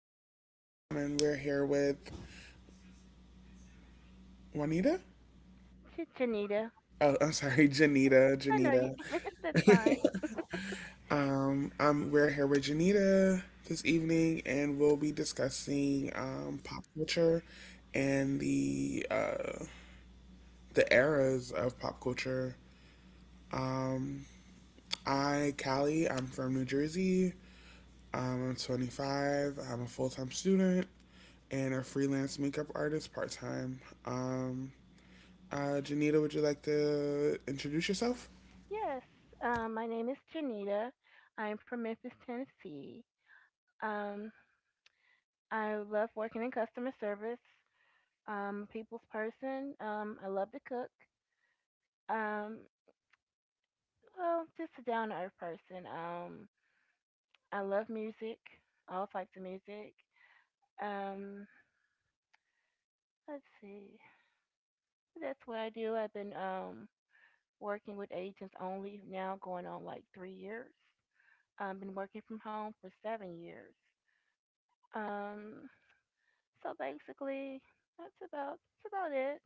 Callie, and we're here with Juanita. Janita. Oh, I'm sorry, Janita. I know you. Janita. That's fine. We're here with Janita this evening, and we'll be discussing pop culture and the eras of pop culture. Um, I, Callie, I'm from New Jersey. I'm 25. I'm a full time student and a freelance makeup artist part time. Um, Janita, would you like to introduce yourself? Yes, my name is Janita. I'm from Memphis, Tennessee. Um, I love working in customer service. People's person. I love to cook. Um, well, just a down to earth person. I love music, all types of music. Um, let's see. That's what I do. I've been working with agents only now, going on like 3 years. Been working from home for 7 years. Um, so basically, that's about that's about it.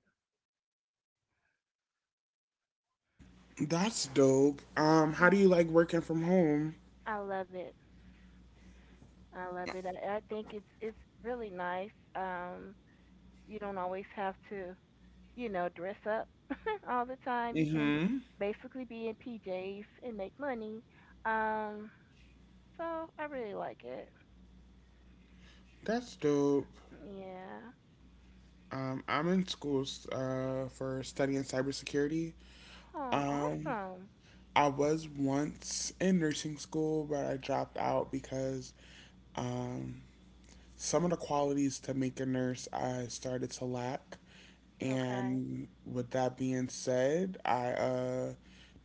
That's dope. How do Mm. you like working from home? I love it. I love it. I think it's really nice. Um, you don't always have to, you know, dress up all the time. You can Mm-hmm. basically be in PJs and make money. Um, so I really like it. That's dope. Yeah. I'm in school for studying cybersecurity. Oh, Um, awesome. I was once in nursing school, but I dropped out because um, some of the qualities to make a nurse I started to lack. Okay. And with that being said, I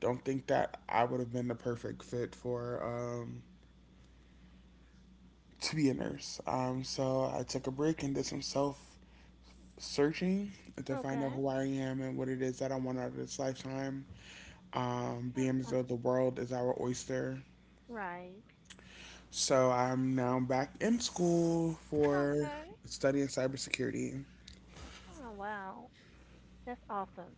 don't think that I would have been the perfect fit for to be a nurse. So I took a break and did some self searching to find out Okay. who I am and what it is that I want out of this lifetime. Um, Being as uh, though the world is our oyster. right. So I'm now back in school for Okay. studying cybersecurity. Oh, wow. That's awesome.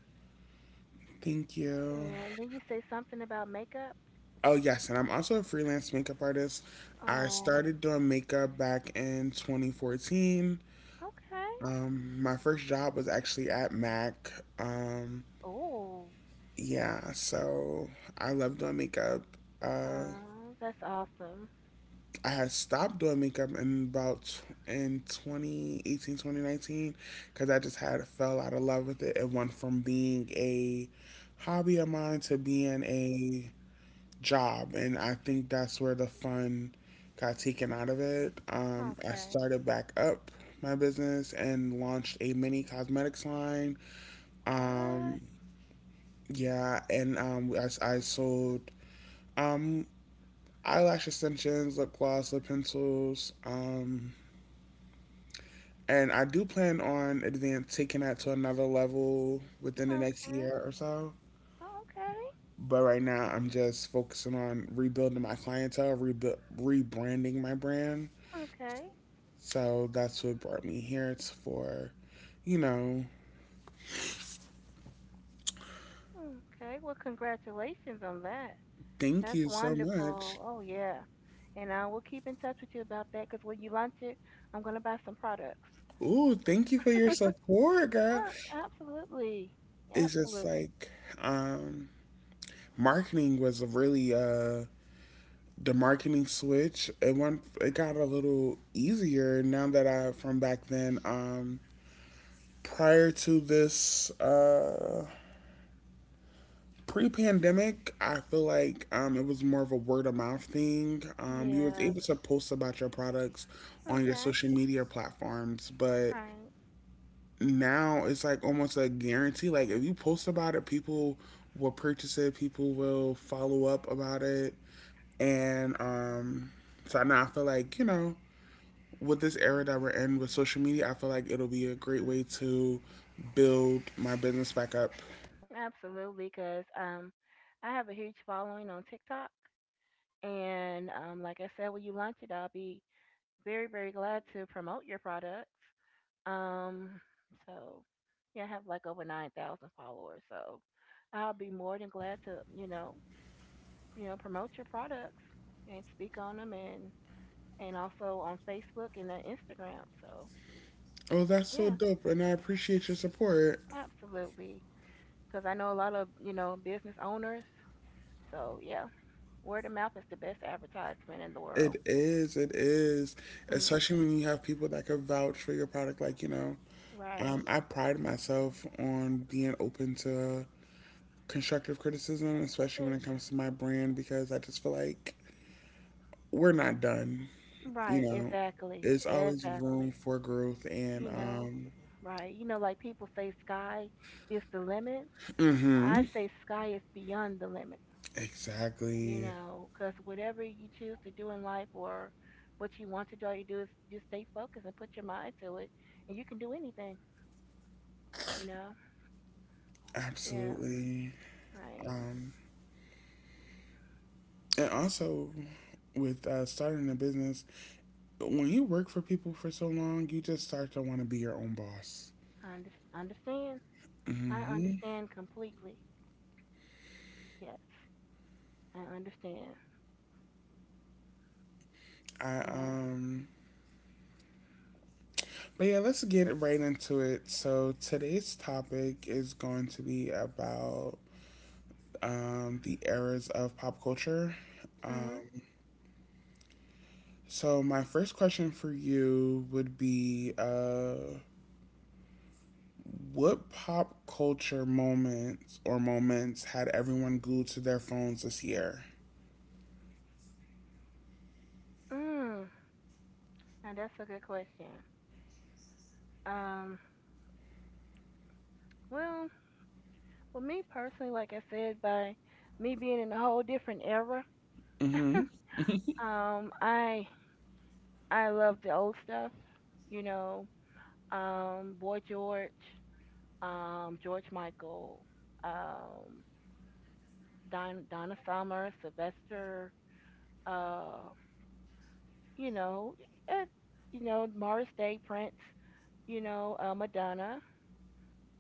Thank you. Yeah, and then you say something about makeup. Oh, yes, and I'm also a freelance makeup artist. I Oh, started doing makeup back in 2014. okay. My first job was actually at MAC. Um, Oh, yeah, so I love doing makeup. Uh, oh, that's awesome. I had stopped doing makeup in about tw- in 2018, 2019, because I just had fell out of love with it. It went from being a hobby of mine to being a job, and I think that's where the fun got taken out of it. I Okay. started back up my business and launched a mini cosmetics line. What? Um, yeah and I sold, um, eyelash extensions, lip gloss, lip pencils, and I do plan on advance taking that to another level within the next Okay. year or so. Okay. But right now I'm just focusing on rebuilding my clientele, rebranding my brand. Okay. So that's what brought me here. It's for, you know, Okay. Well, congratulations on that. thank That's you so much. wonderful. Oh, yeah. And I will keep in touch with you about that because when you launch it, I'm going to buy some products. Ooh, thank you for your support, girl. Oh, absolutely. It's just Absolutely. like, um, marketing was really the marketing switch. It got a little easier now that I from back then. Prior to this pre-pandemic, I feel like, it was more of a word of mouth thing. You was Yeah. able to post about your products on your Okay. social media platforms, but Right. now it's like almost a guarantee, like if you post about it, people will purchase it, people will follow up about it, and so now I feel like, you know, with this era that we're in with social media, I feel like it'll be a great way to build my business back up. Absolutely, because I have a huge following on TikTok, and like I said, when you launch it, I'll be very, very glad to promote your products. Um, so yeah, I have like over 9,000 followers, so I'll be more than glad to, you know, promote your products and speak on them, and also on Facebook and on Instagram. So Oh, that's so yeah, dope and I appreciate your support. absolutely, because I know a lot of you know business owners. So yeah. Word of mouth is the best advertisement in the world. It is, it is. Mm, Especially when you have people that could vouch for your product. Like, you know, right. I pride myself on being Mm, open to constructive criticism, eh, especially when It's, it comes to my brand, because I just feel like we're not done. You right. know, Exactly. there's always room Exactly. for growth, and, You know, right. You know, like people say sky is the limit. I hmm say sky is beyond the limit, you exactly. know, because whatever you choose to do in life or what you want to do, all you do is just stay focused and put your mind to it, and you can do anything, you know? Yeah. Absolutely. Right. Um, and also, with starting a business, when you work for people for so long, you just start to want to be your own boss. I understand. I Hmm understand completely. Yes. I understand. I No. But yeah, let's get right into it. So today's topic is going to be about the eras of pop culture. Mm. Um, so my first question for you would be, what pop culture moments or moments had everyone glued to their phones this year? Mm. Now that's a good question. Um. Well, for me personally, like I said, by me being in a whole different era, Mm-hmm. um, I I love the old stuff. You know, Boy George, George Michael, um, Donna Summer, Sylvester. Uh, you know, it, you know Morris Day, Prince. You know, Madonna.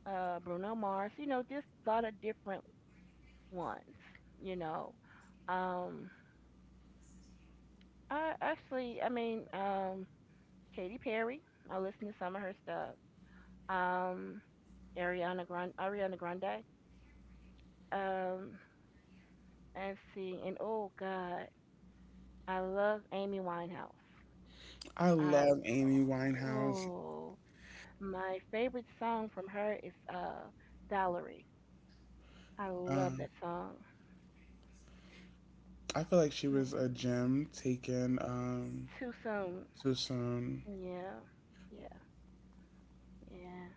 Bruno Mars. You know, just a lot of different ones. You know, um, I actually, I mean, Katy Perry. I listen to some of her stuff. Um, Ariana Grande. Ariana Grande. Um, and see, and oh God, I love Amy Winehouse. I I love Amy Winehouse. Oh, my favorite song from her is Valerie. I love Um, that song. I feel like she was Man, a gem taken too soon. too soon. Yeah, yeah, yeah.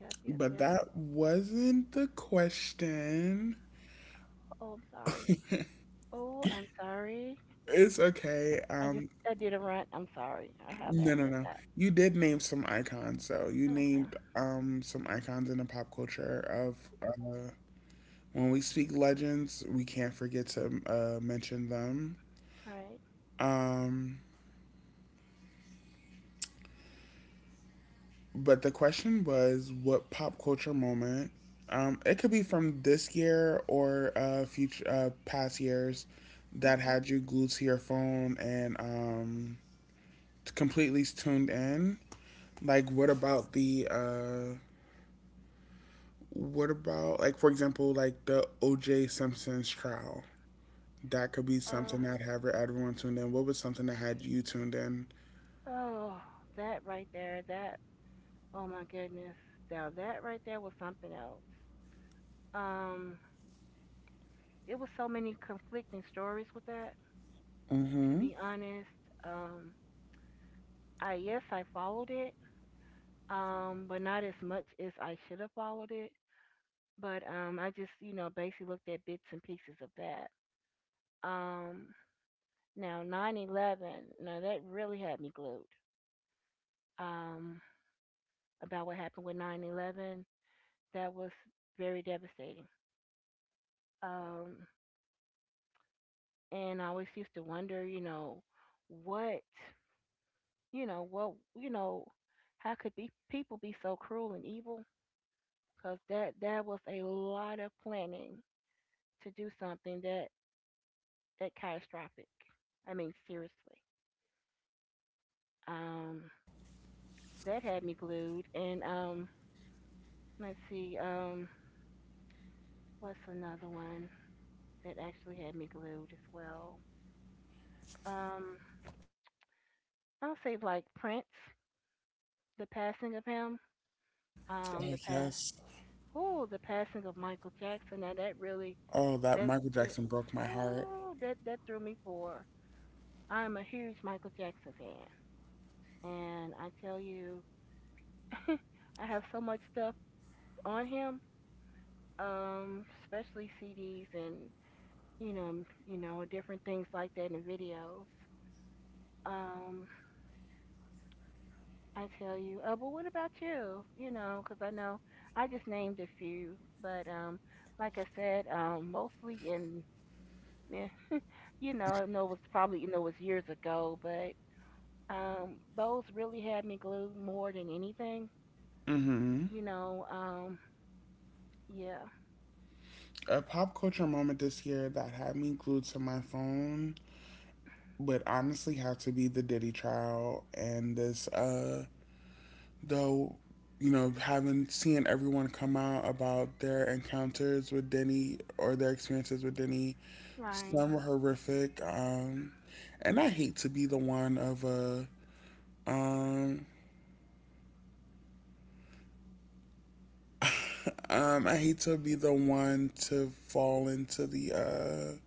Yep, yep, But yep. that wasn't the question. Oh, I'm sorry. Oh, I'm sorry. It's okay. I just I did a rant. I'm sorry. I have No, no, happened of no. that. You did name some icons, though. You Okay. named, some icons in the pop culture of when we speak legends, we can't forget to mention them. All right. Um, But the question was, what pop culture moment? It could be from this year or future past years that Okay. had you glued to your phone and completely tuned in. Like, what about the what about like for example, like the O.J. Simpson's trial? That could be Uh something that had everyone tuned in. What was something that had you tuned in? oh, that right there, that oh my goodness. Now that right there was something else. Um it was so many conflicting stories with that, to Mm-hmm. be honest. Um I Yes, I followed it. But not as much as I should have followed it. But I just, you know, basically looked at bits and pieces of that. Um Now, 9/11, now that really had me glued um, about what happened with 9/11. That was very devastating. Um, and I always used to wonder, you know, what, you know, what, you know, how could be people be so cruel and evil? Because that was a lot of planning to do something that catastrophic. I mean, seriously. Um, that had me glued. And let's see, what's another one? That actually had me glued as well. Um, I'll say like Prince, the passing of him, um, Oh the pass, yes. oh, the passing of Michael Jackson. Now that really Oh, that that Michael that Jackson broke my heart. ooh, that threw me for. I'm a huge Michael Jackson fan, and I tell you, I have so much stuff on him, especially CDs and you know, you know, different things like that and videos. Um, I tell you. But what about you? You know, 'cause I know I just named a few, but like I said, mostly in, eh, you know, I know it was probably you know it was years ago, but those really had me glued more than anything. Mm-hmm. You know, yeah, A pop culture moment this year that had me glued to my phone would honestly have to be the Diddy trial. And this, though, you know, having seeing everyone come out about their encounters with Diddy or their experiences with Diddy. right. Some were horrific. And I hate to be the one of a, um, I hate to be the one to fall into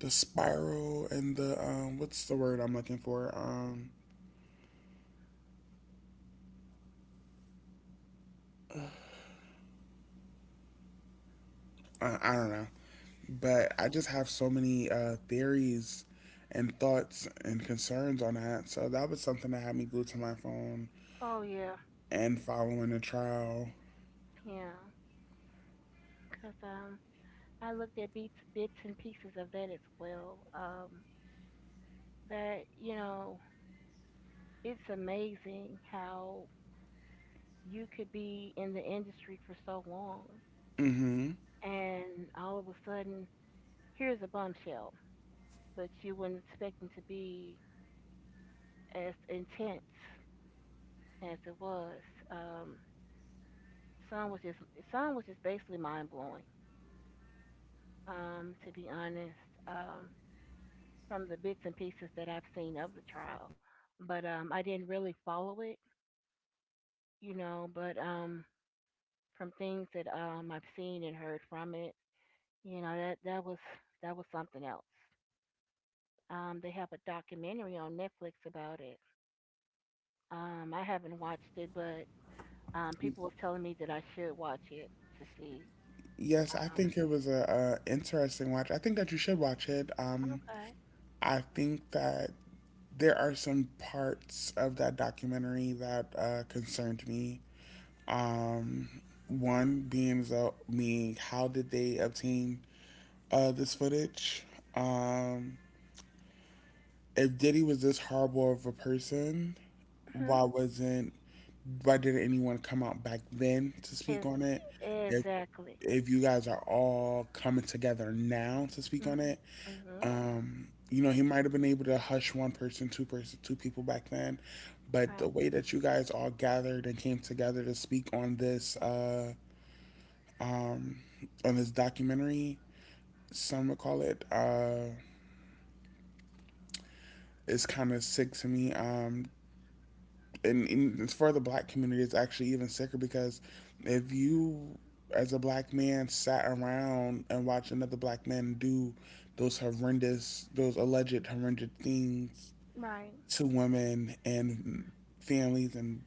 the spiral and the, what's the word I'm looking for? I don't know. But I just have so many theories and thoughts and concerns on that. So that was something that had me glued to my phone Oh yeah, and following the trial. yeah. 'Cause I looked at bits and pieces of that as well. That You know, it's amazing how you could be in the industry for so long hmm and all of a sudden here's a bombshell, but you would not expect it to be as intense as it was. um some was just some was just basically mind blowing, to be honest, um from the bits and pieces that I've seen of the trial. But I didn't really follow it, you know. But from things that I've seen and heard from it, you know, that was something else. They have a documentary on Netflix about it. I haven't watched it, but people was telling me that I should watch it to see. Yes, I Um, think it was a interesting watch. I think that you should watch it. I think that there are some parts of that documentary that concerned me. Um, one being, being how did they obtain this footage? Um, if Diddy was this horrible of a person, okay. why wasn't why didn't anyone come out back then to speak Hmm. on it? Is If Exactly. if you guys are all coming together now to speak on it, Mm-hmm. You know, he might have been able to hush one person, two people back then, but Right. the way that you guys all gathered and came together to speak on um this documentary, some would call it, is kind of sick to me. And it's for the black community, it's actually even sicker, because if you, as a black man, sat around and watched another black man do those horrendous, those alleged horrendous things Right. to women and families and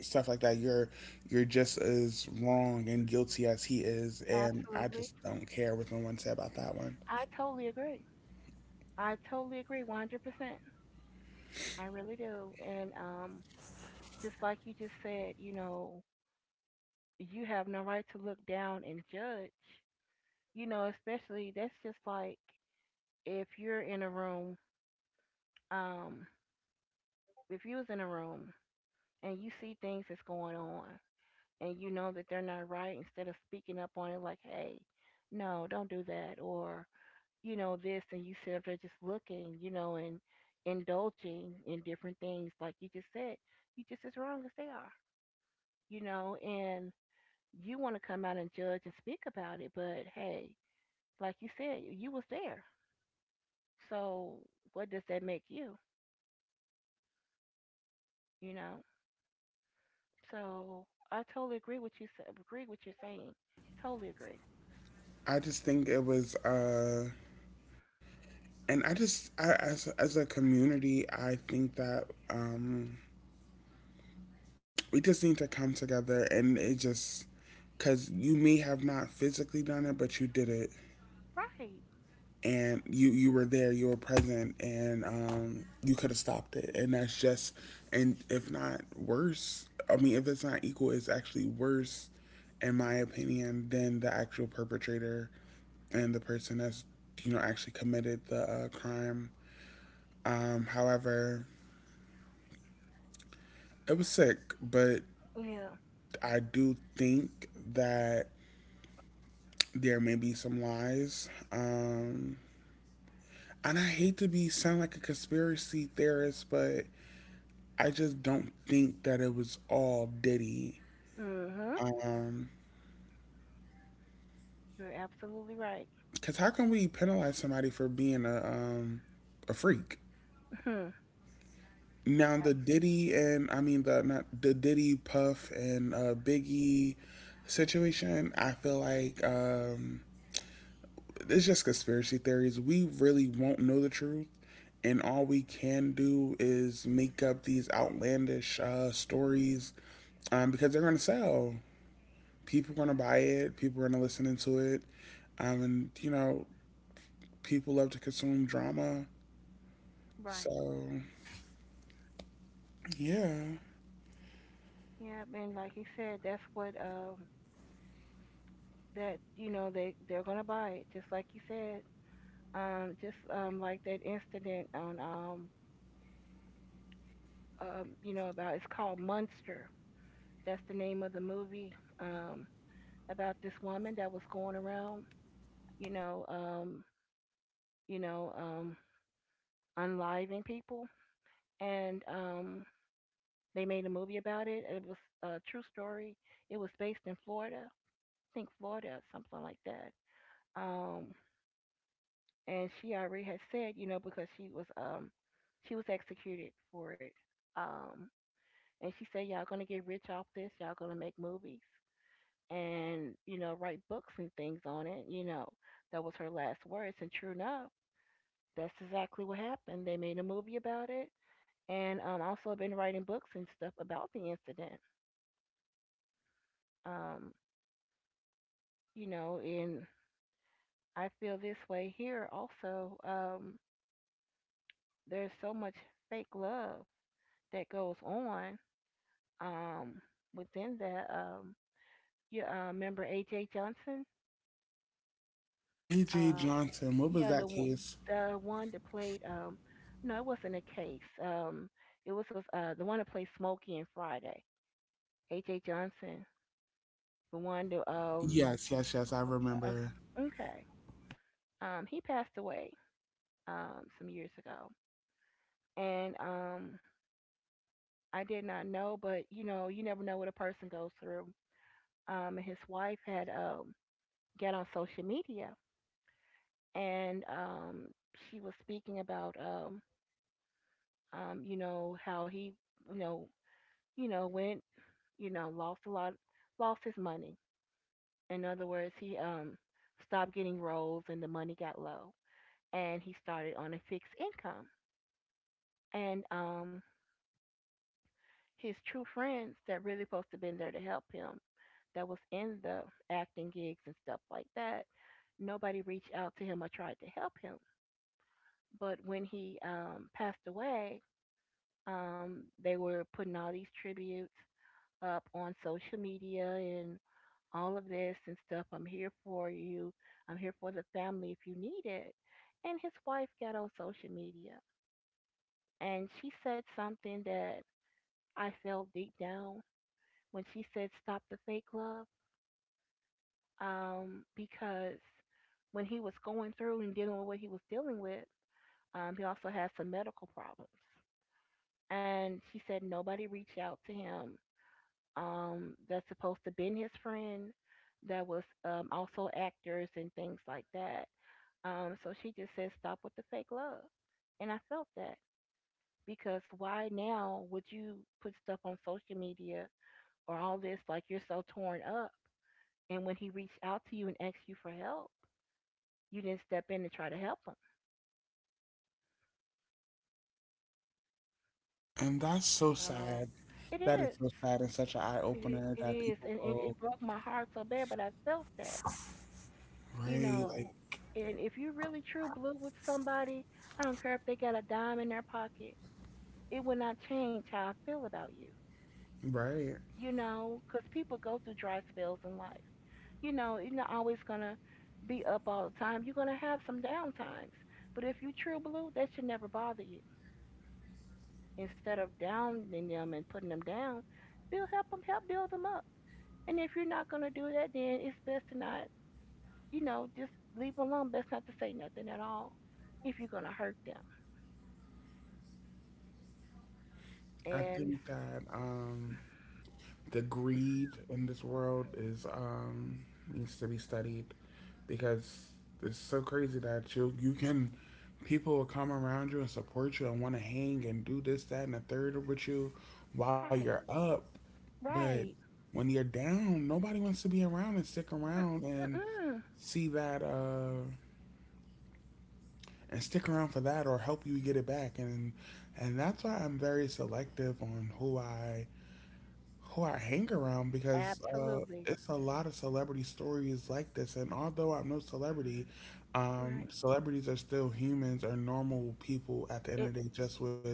stuff like that, you're just as wrong and guilty as he is, and I Absolutely. just don't care what no one said about that one. I totally agree. I totally agree 100%. I really do. And just like you just said, you know, you have no right to look down and judge. You know, especially that's just like if you're in a room, um, if you was in a room and you see things that's going on and you know that they're not right, instead of speaking up on it like, hey, no, don't do that, or you know this, and you sit up there just looking, you know, and indulging in different things, like you just said, you just as wrong as they are, you know, and you want to come out and judge and speak about it, but hey, like you said, you was there, so what does that make you, you know? So I totally agree with you. Agree with you're saying. Totally agree. I just think it was, and I just I, as a community, I think that um, we just need to come together, and it just because you may have not physically done it, but you did it, Right. and you were there, you were present, and you could have stopped it. And that's just, and if not worse, I mean, if it's not equal, it's actually worse in my opinion than the actual perpetrator and the person that's, you know, actually committed the crime. However It was sick, but Yeah. I do think that there may be some lies. And I hate to be sound like a conspiracy theorist, but I just don't think that it was all Diddy. Mhm. Um, You're absolutely right. 'cause how can we penalize somebody for being a freak? Mhm. Now Ab- the Diddy and I mean the not the Diddy Puff and Biggie situation, I feel like, it's just conspiracy theories. We really won't know the truth, and all we can do is make up these outlandish stories, because they're going to sell. People are going to buy it. People are going to listen to it, and you know, people love to consume drama. Right. So yeah, Yeah. And like you said, that's what that you know they're gonna buy it just like you said. Just like that incident on about it's called Munster. That's the name of the movie. Um, about this woman that was going around. You know, you know, unliving people, and they made a movie about it. It was a true story. It was based in Florida, I think Florida or something like that. Um, and she already had said, you know, because she was executed for it. Um, and she said, y'all gonna get rich off this. Y'all gonna make movies and you know write books and things on it. You know, that was her last words. And true enough, that's exactly what happened. They made a movie about it. And also been writing books and stuff about the incident. um, you know, and I feel this way here also. There's so much fake love that goes on, um, within that. You remember AJ Johnson? A.J. Uh, Johnson. What was yeah, the that one, case? the one that played. No, it wasn't a case. It was the one that played Smokey and Friday. AJ Johnson, the one to. Yes, yes, yes. I Okay, remember, okay. He passed away some years ago, and I did not know, but you know, you never know what a person goes through. And his wife had got on social media and she was speaking about you know how he you know you know went you know lost a lot lost his money. In other words, he stopped getting roles and the money got low, and he started on a fixed income. And his true friends that really supposed to been there to help him that was in the acting gigs and stuff like that, nobody reached out to him or tried to help him. But when he passed away, they were putting all these tributes up on social media and all of this and stuff. I'm here for you. I'm here for the family if you need it. And his wife got on social media and she said something that I felt deep down when she said, stop the fake love. Because when he was going through and dealing with what he was dealing with, he also had some medical problems. And she said nobody reached out to him, that's supposed to been his friend, that was also actors and things like that. So she just said, stop with the fake love. And I felt that, because why now would you put stuff on social media or all this like you're so torn up? And when he reached out to you and asked you for help, you didn't step in and try to help them. and that's so So sad. it That is is. so sad and such an eye It, opener it that is. people And it, will, it broke my heart so bad, but I felt that, you right, like know. And if you're really true blue with somebody, I don't care if they got a dime in their pocket, it will not change how I feel about you, right. you know. Because people go through dry spells in life. You know, you're not always going to be up all the time. You're going to have some down times. But if you true blue, that should never bother you. Instead of downing them and putting them down, build help them help build them up. And if you're not gonna do that, then it's best to not, just leave 'em alone. Best not to say nothing at all if you're gonna hurt them. I And think that the greed in this world is, needs to be studied, because it's so crazy that you can people will come around you and support you and want to hang and do this that and the third with you while you're right, up, but right, when you're down, nobody wants to be around and stick around and mm-mm, see that, and stick around for that or help you get it back. And that's why I'm very selective on who I hang around, because absolutely, it's a lot of celebrity stories like this. And although I'm no celebrity, right. Celebrities are still humans or normal people at the end It of the day, just with,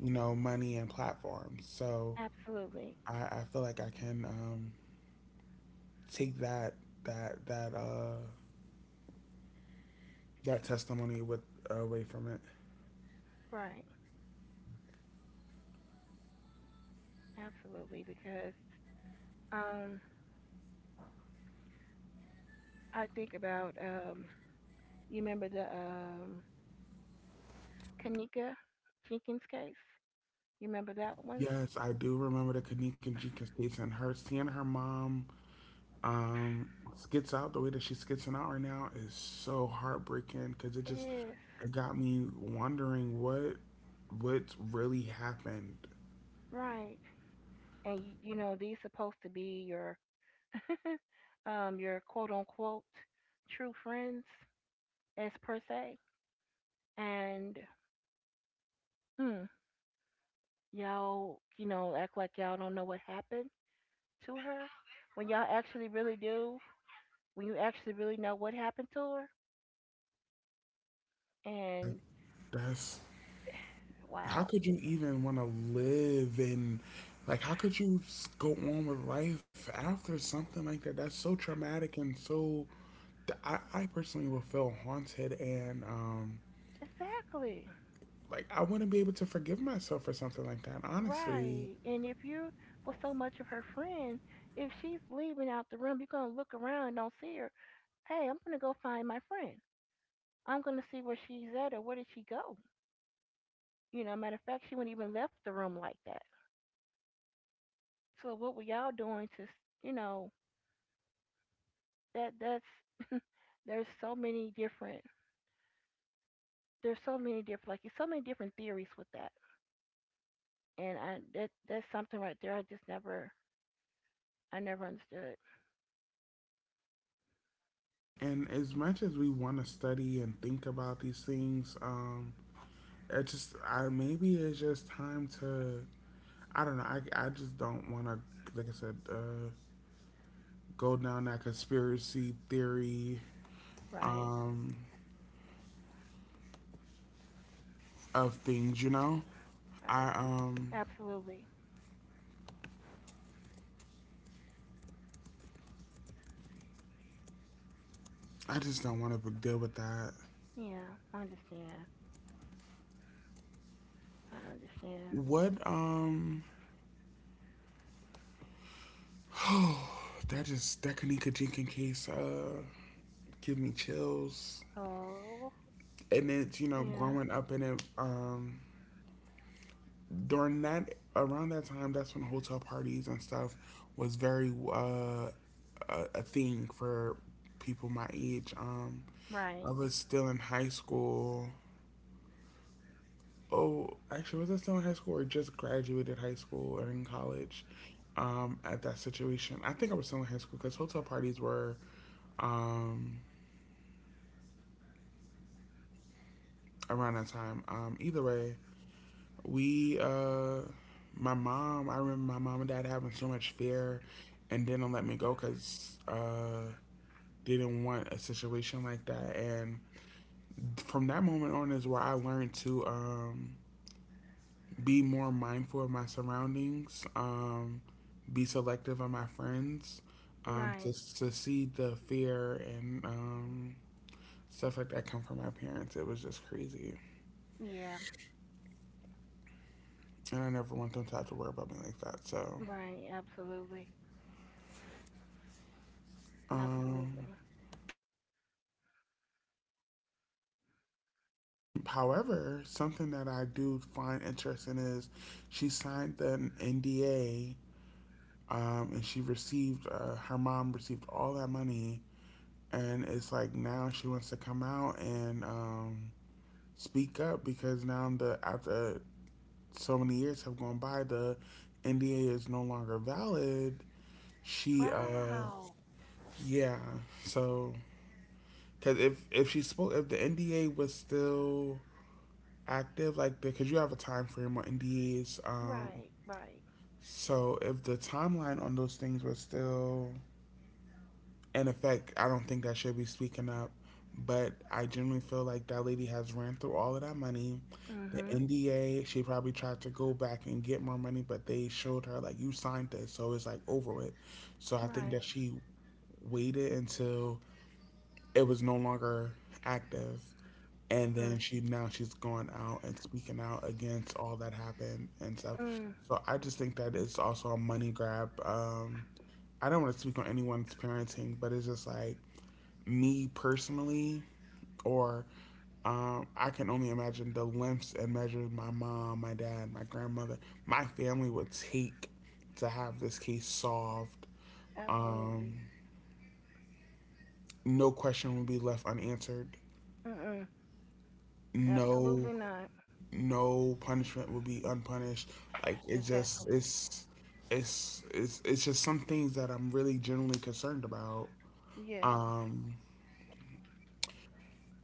you know, money and platforms. So absolutely, I feel like I can, take that that uh, that testimony with away from it. right, absolutely. Because um, I think about you remember the Kanika Jenkins case. You remember that one? Yes, I do remember the Kanika Jenkins case, and her seeing her mom, Um, skits out the way that she's skitsing out right now is so heartbreaking, because it just, Yes. it got me wondering what, what really happened. Right. And you know, these supposed to be your quote unquote true friends as per se. And hmm, y'all, you know, act like y'all don't know what happened to her. When y'all actually really do, when you actually really know what happened to her and That's, how wow. could you even want to live and like how could you go on with life after something like that? That's so traumatic and so. I personally will feel haunted and Exactly. like I wouldn't be able to forgive myself for something like that. Honestly. Right. And if you was so much of her friend, if she's leaving out the room, you're gonna look around and don't see her. Hey, I'm gonna go find my friend. I'm gonna see where she's at or where did she go. You know, matter of fact, she wouldn't even left the room like that. So what were y'all doing to, you know, that's there's so many different there's so many different like it's so many different theories with that, and I that's something right there I just never, I never understood. And as much as we want to study and think about these things, it just I maybe it's just time to I don't know. I just don't want to, like I said, go down that conspiracy theory, Right, um, of things. Right, I absolutely. I just don't want to deal with that. Yeah, I understand. I understand. What That Kanika Jenkins case give me chills. Oh, And it's, you know, yeah, growing up in it, during that, around that time, that's when hotel parties and stuff was very a thing for people my age. I right, was still in high school. Oh, actually, was I still in high school or just graduated high school and in college? At that situation, I think I was still in high school because hotel parties were um, around that time. Either way, We, uh, my mom, I remember my mom and dad having so much fear and didn't let me go because, they didn't want a situation like that. And from that moment on is where I learned to, be more mindful of my surroundings, be selective of my friends, right, just to see the fear and, stuff like that come from my parents. It was just crazy. yeah, And I never want them to have to worry about me like that. So, right, absolutely, um, absolutely. however, something that I do find interesting is she signed an NDA, and she received, her mom received all that money. And it's like now she wants to come out and speak up because now, the after so many years have gone by, the NDA is no longer valid. She, uh, Wow. yeah. So, because if she spoke, if the NDA was still active, like, because you have a time frame on NDAs. Right, right. So if the timeline on those things was still in effect, I don't think that should be speaking up. But I generally feel like that lady has ran through all of that money. The Mhm. NDA, she probably tried to go back and get more money, but they showed her, like, you signed this, so it's like over with. So I think Right. that she waited until it was no longer active, and Mm. then she now she's going out and speaking out against all that happened and stuff. Mm. So I just think that it's also a money grab. I don't want to speak on anyone's parenting, but it's just like me personally, or I can only imagine the lengths and measures my mom, my dad, my grandmother, my family would take to have this case solved. Um, Absolutely. no question would be left unanswered. Mm, mm. No, Absolutely not. no punishment will be unpunished. Like, it just Exactly. it's it's just some things that I'm really genuinely concerned about. Yes. Um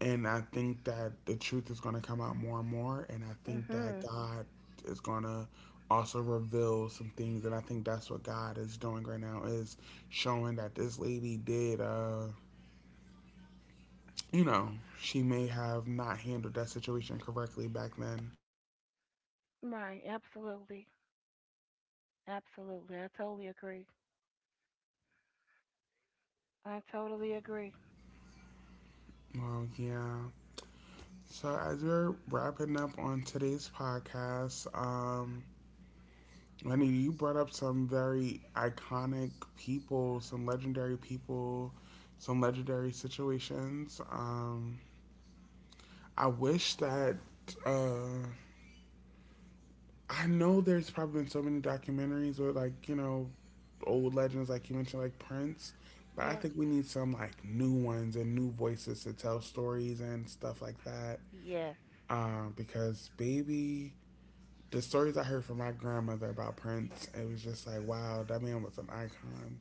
and I think that the truth is gonna come out more and more, and I think that Mhm. God is gonna also reveal some things, and I think that's what God is doing right now, is showing that this lady did, you know, she may have not handled that situation correctly back then. Right. Absolutely. Absolutely. I totally agree. I totally agree. Well, yeah. So, as we're wrapping up on today's podcast, Lenny, you brought up some very iconic people, some legendary situations. I wish that uh, I know there's probably been so many documentaries with, like, you know, old legends, like you mentioned, like Prince. But I Yes. think we need some like new ones and new voices to tell stories and stuff like that. Yes. Because, baby, the stories I heard from my grandmother about Prince, it was just like, wow, that man was an icon.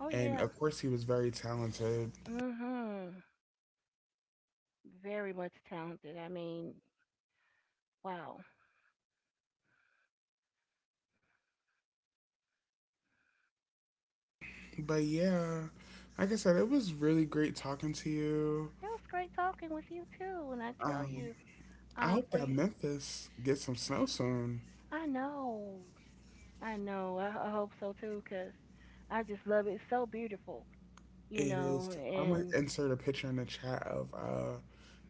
Oh And yeah. of course, he was very talented. Mhm. Very much talented. I mean, wow. But yeah, like I said, it was really great talking to you. It was great talking with you too. And I tell Um, you, I hope for that you, Memphis gets some snow soon. I know, I know. I hope so too, 'cause I just love it. It's so beautiful, you It know. is. I'm gonna And insert a picture in the chat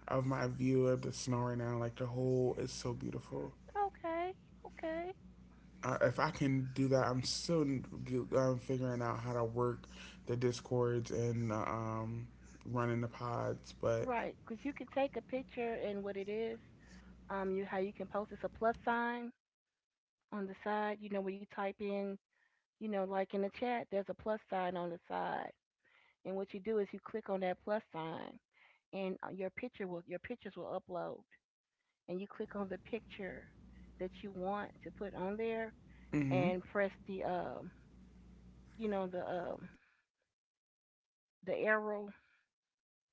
of my view of the snow right now. Like, the whole is so beautiful. okay, okay, I, if I can do that, I'm still figuring out how to work the discords and running the pods. But right. 'Cause you could take a picture and what it is, you how you can post it's a plus sign on the side. You know when you type in, you know, like in the chat, there's a plus sign on the side. And what you do is you click on that plus sign, and your picture will, your pictures will upload. And you click on the picture that you want to put on there, hmm and press the you know the the arrow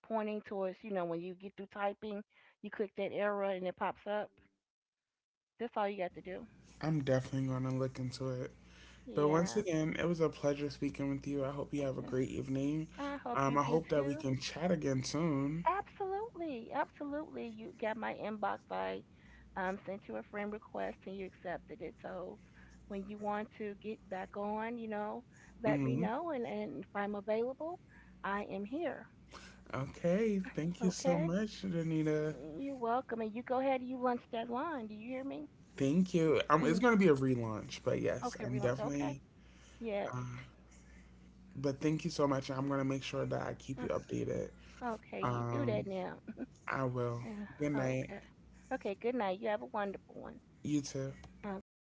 pointing towards, you know, when you get through typing, you click that arrow and it pops up. That's all you got to do. I'm definitely going to look into it. But once Yeah. again, it was a pleasure speaking with you. I hope you have a Mm-mm. great evening. I hope you I do hope that we too. can chat again soon. Absolutely, absolutely. You got my inbox. I sent you a friend request and you accepted it. So when you want to get back on, you know, let me hmm know. And if I'm available, I am here. Okay, thank you so Okay? much, Danita. You're welcome. And you go ahead and you lunch that line. Do you hear me? Thank you. It's Mm. gonna be a relaunch, but yes, Okay, I'm relance. Okay. definitely. Yes. Um, but thank you so much. I'm gonna make sure that I keep Uh, you updated. Okay, you do that Um, now. I will. Good night. Okay. Okay, good night. You have a wonderful one. You too. Okay.